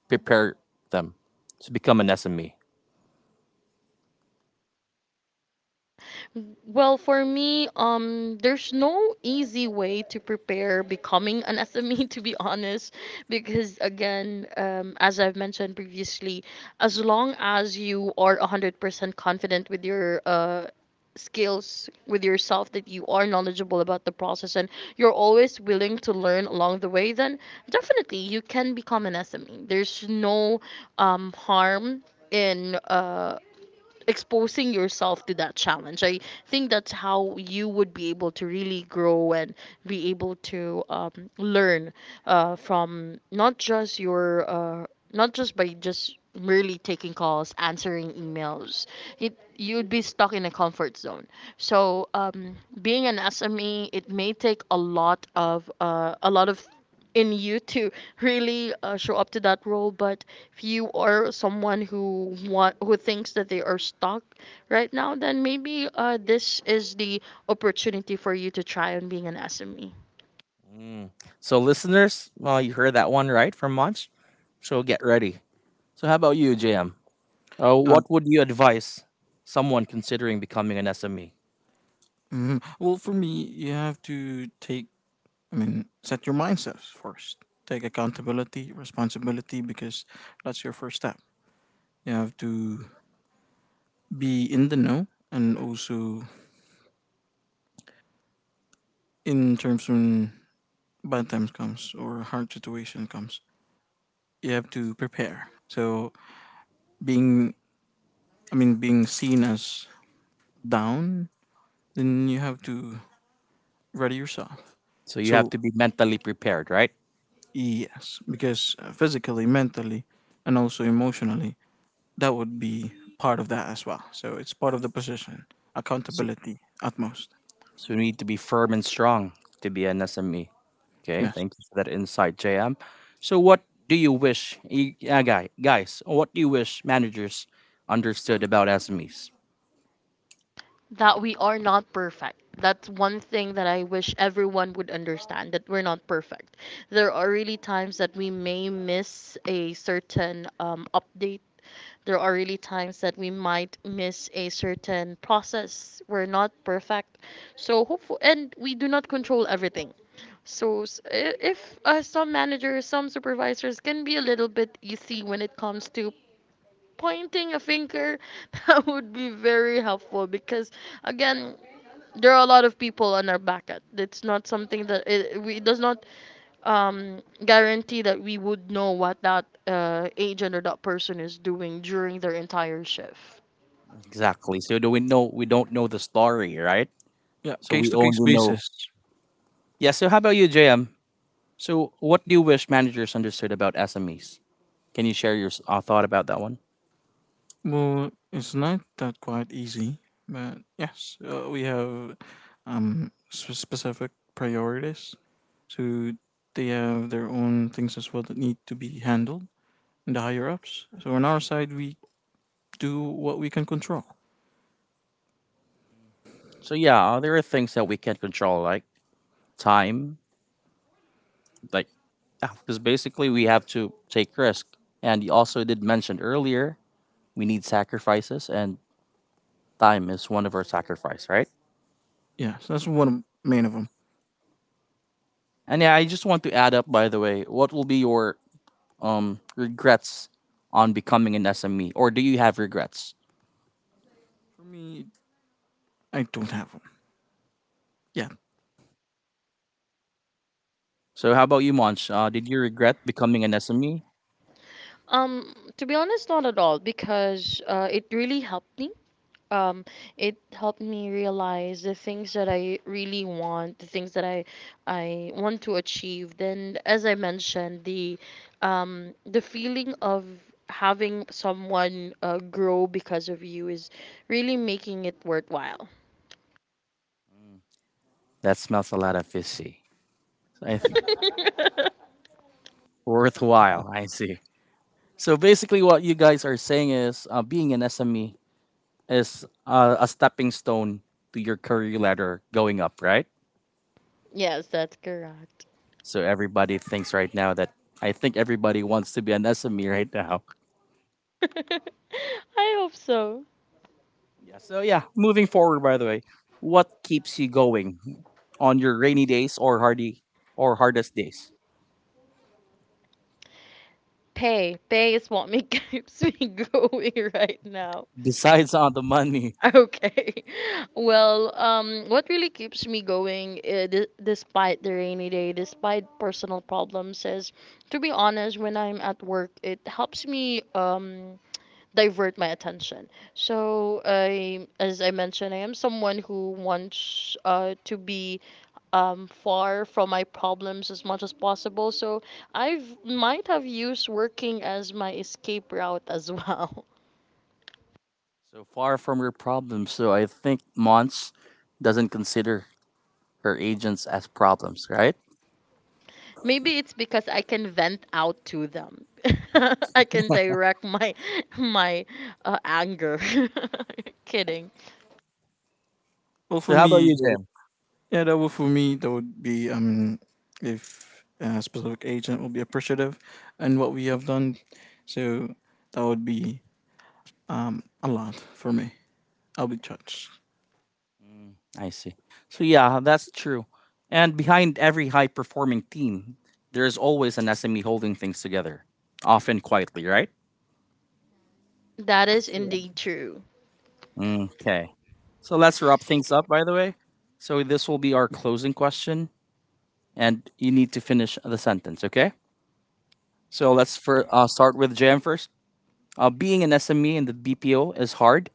A: prepare them to become an SME?
B: Well, for me, there's no easy way to prepare becoming an [laughs] SME, to be honest, because again, as I've mentioned previously, as long as you are 100% confident with your skills, with yourself, that you are knowledgeable about the process and you're always willing to learn along the way, then definitely you can become an SME. There's no harm in exposing yourself to that challenge. I think that's how you would be able to really grow and be able to learn from not just by just merely taking calls, answering emails, you'd be stuck in a comfort zone. So being an SME, it may take a lot of in you to really show up to that role. But if you are someone who thinks that they are stuck right now, then maybe this is the opportunity for you to try on being an SME.
A: Mm. So listeners, well you heard that one right from Munch. So get ready. So how about you, JM? What would you advise someone considering becoming an SME?
C: Mhm. Well, for me, you have to take, I mean, set your mindsets first. Take accountability, responsibility, because that's your first step. You have to be in the know, and also in terms when bad times comes or hard situation comes, you have to prepare. So being, I mean, being seen as down, then you have to ready yourself.
A: So you have
C: So
A: to be mentally prepared, right?
C: yes, because physically, mentally, and also emotionally, that would be part of that as well. So it's part of the position,
A: So,
C: accountability at most.
A: so you need to be firm and strong to be an SME. Okay,
C: Yes.
A: thank you for that insight, JM. So what do you wish, guys? What do you wish managers understood about SMEs?
B: That we are not perfect. That's one thing that I wish everyone would understand, that we're not perfect. There are really times that we may miss a certain update. There are really times that we might miss a certain process. We're not perfect. So, hopeful, and we do not control everything. So, if some managers, some supervisors can be a little bit easy when it comes to pointing a finger, [laughs] that would be very helpful, because again, there are a lot of people on our back at it's not something that it does not um, guarantee that we would know what that agent or that person is doing during their entire shift.
A: Exactly. So do we know? We don't know the story, right?
C: Yeah,
A: So
C: case
A: we
C: to case
A: only know.
C: basis.
A: Yeah. So how about you, JM? So what do you wish managers understood about SMEs? Can you share your thought about that one?
C: Well, it's not that quite easy, but yes, we have specific priorities. So they have their own things as well that need to be handled in the higher ups. So on our side, we do what we can control.
A: So yeah, there are things that we can't control, like time, like because basically we have to take risk. And you also did mention earlier we need sacrifices, and time is one of our sacrifice, right?
C: Yes, that's one main of them.
A: And yeah, I just want to add up by the way, what will be your regrets on becoming an SME or do you have regrets?
C: For me, I don't have one. Yeah.
A: So how about you, Monch? Did you regret becoming an SME?
B: um to be honest, not at all, because it really helped me um it helped me realize the things that I really want, the things that I want to achieve. Then as I mentioned, the feeling of having someone grow because of you is really making it worthwhile.
A: That smells a lot of fishy. I th-
B: [laughs]
A: worthwhile, I see. So basically what you guys are saying is being an SME is a stepping stone to your career ladder going up, right?
B: Yes, that's correct.
A: So everybody thinks right now that I think everybody wants to be an SME right now.
B: [laughs] I hope so.
A: Yeah. So yeah, moving forward by the way, what keeps you going on your rainy days or hardest days?
B: Pay is what me [laughs] keeps me going right now.
A: [laughs] Besides on the money.
B: [laughs] Okay. Well, what really keeps me going despite the rainy day, despite personal problems, is, to be honest, when I'm at work, it helps me divert my attention. So, as I mentioned, I am someone who wants to be far from my problems as much as possible. So, I might have used working as my escape route as [laughs] well.
A: So far from your problems. So I think Mons doesn't consider her agents as problems, right?
B: Maybe it's because I can vent out to them. [laughs] I can direct my anger. [laughs] Kidding.
C: Well,
A: So
C: for
A: how about
C: me,
A: you, Jim?
C: yeah, that would, for me, that would be if a specific agent will be appreciative and what we have done. So that would be a lot for me. I'll be touched.
A: I see. So yeah, that's true. And behind every high performing team, there's always an SME holding things together, often quietly, right?
B: That
C: That is
B: is
C: cool.
B: indeed true.
A: Okay. So let's wrap things up, by the way. So this will be our closing question, and you need to finish the sentence, okay? So start with JM first. Being an SME in the BPO is hard,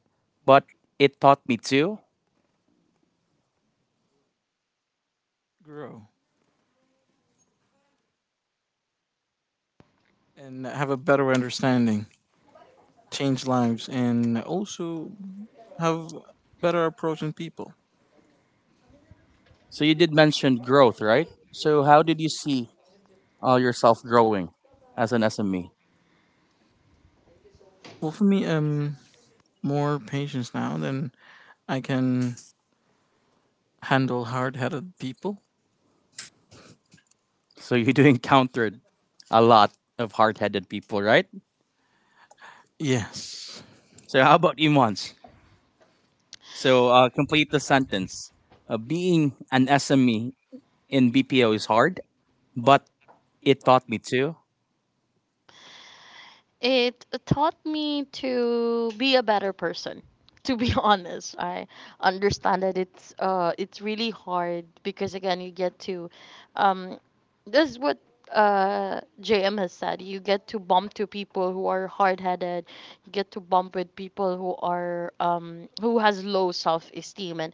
A: but it taught me too.
C: Grow and have a better understanding, change lives, and also have better approach in people.
A: So you did mention growth, right? So how did you see yourself growing as an SME?
C: Well, for me, more patience now than I can handle hard headed people.
A: So you [laughs] do encountered a lot of hard-headed people, right?
C: Yes.
A: So how about Imans? So complete the sentence. Being an SME in BPO is hard, but it taught me too.
B: It taught me to be a better person. To be [laughs] honest, I understand that it's really hard, because again, you get to um this is what JM has said. You get to bump to people who are hard-headed. You get to bump with people who are who has low self-esteem, and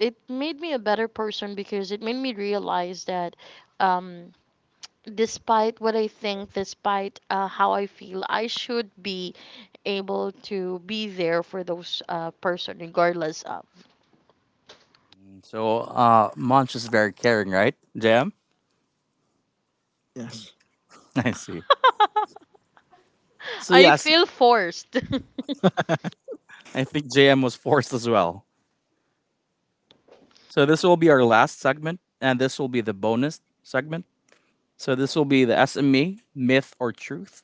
B: it made me a better person, because it made me realize that um despite what I think, despite how I feel, I should be able to be there for those person regardless of.
A: So Munch is very caring, right, JM?
C: Yes.
A: [laughs] I see.
B: [laughs]
A: So
B: I
A: yes,
B: feel forced. [laughs]
A: I think JM was forced as well. So this will be our last segment, and this will be the bonus segment. So this will be the SME myth or truth.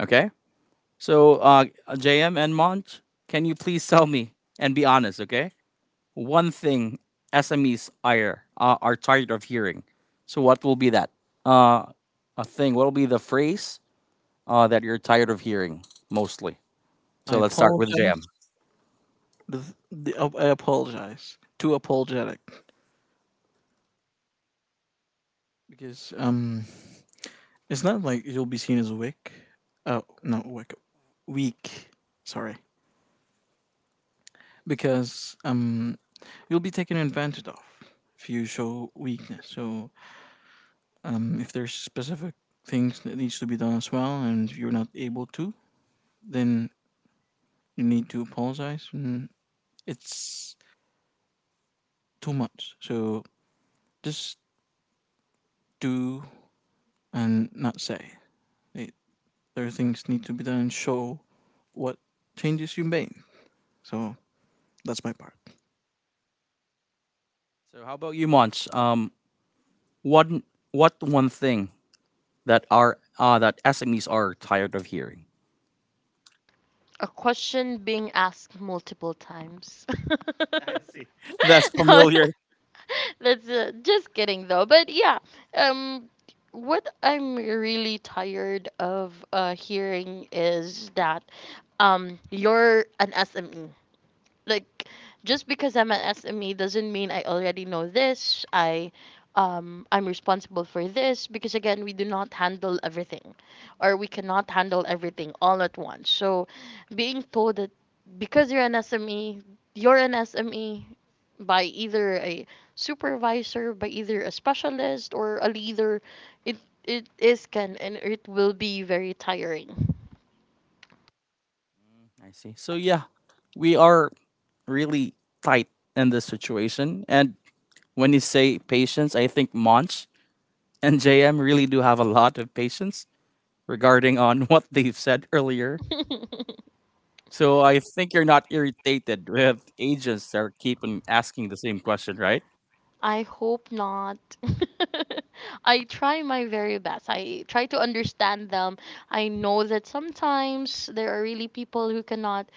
A: Okay. So JM and Munch, can you please tell me and be honest? Okay. One thing SMEs are tired of hearing. So what will be that? Uh, a thing. What will be the phrase that you're tired of hearing mostly?
C: I
A: So let's start with
C: apologize.
A: JM.
C: the, oh, I apologize. Too apologetic, because it's not like you'll be seen as weak. Oh, not weak, weak. Sorry, because you'll be taken advantage of if you show weakness. So if there's specific things that needs to be done as well, and you're not able to, then you need to apologize. And it's too much. So just do and not say. Eh, there are things need to be done and show what changes you made. So that's my part.
A: So how about you, Monch? What what one thing that are that SMEs are tired of hearing?
B: A question being asked multiple times. [laughs] I
A: I
B: see.
A: see. [laughs] That's
B: [laughs] No,
A: familiar.
B: [laughs] that's just kidding though. But yeah, um, what I'm really tired of hearing is that you're an SME. Like, just because I'm an SME doesn't mean I already know this. I'm responsible for this, because again, we do not handle everything, or we cannot handle everything all at once. So being told that because you're an SME, you're an SME by either a supervisor, by either a specialist or a leader, it it is can and it will be very tiring.
A: I see. So yeah, we are really tight in this situation. And when you say patience, I think Monch and JM really do have a lot of patience regarding on [laughs] what they've said earlier.
B: [laughs]
A: So I think you're not irritated with agents that are keeping asking the same question, right?
B: I hope not. [laughs] I try my very best. I try to understand them. I know that sometimes there are really people who cannot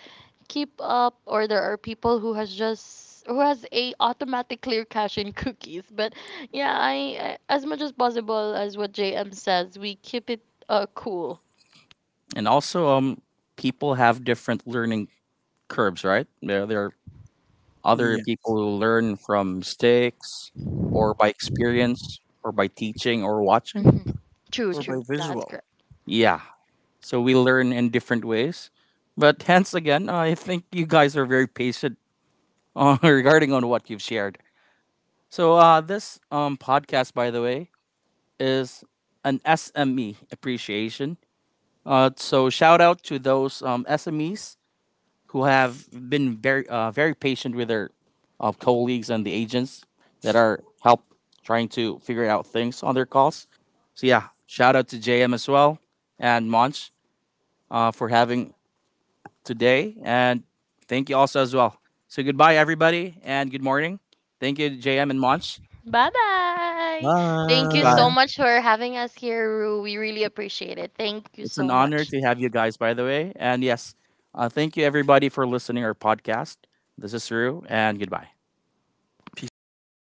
B: keep up, or there are people who has a automatic clear cache in cookies. But yeah, as much as possible, as what JM says, we keep it cool. [laughs]
A: And also, people have different learning curves, right? There are other
C: Yeah.
A: people who learn from mistakes or by experience or by teaching or watching.
B: Mhm. True,
C: Or
A: So
C: by
B: true. That's
C: visual.
B: correct.
A: yeah, so we learn in different ways. But hence again, I think you guys are very patient [laughs] regarding on what you've shared. So this podcast, by the way, is an SME appreciation. So shout out to those SMEs who have been very very patient with their colleagues and the agents that are help trying to figure out things on their calls. So yeah, shout out to JM as well and Monch for having today, and thank you also as well. So goodbye everybody, and good morning. Thank you JM and Monch.
B: Bye bye. Thank you
A: Goodbye.
B: so
C: Bye.
B: much for having us here, Rue. We really appreciate it. Thank you
A: It's an
B: so
A: honor
B: much.
A: to have you guys, by the way. And yes, thank you everybody for listening our podcast. This is Rue, and goodbye.
C: Peace out.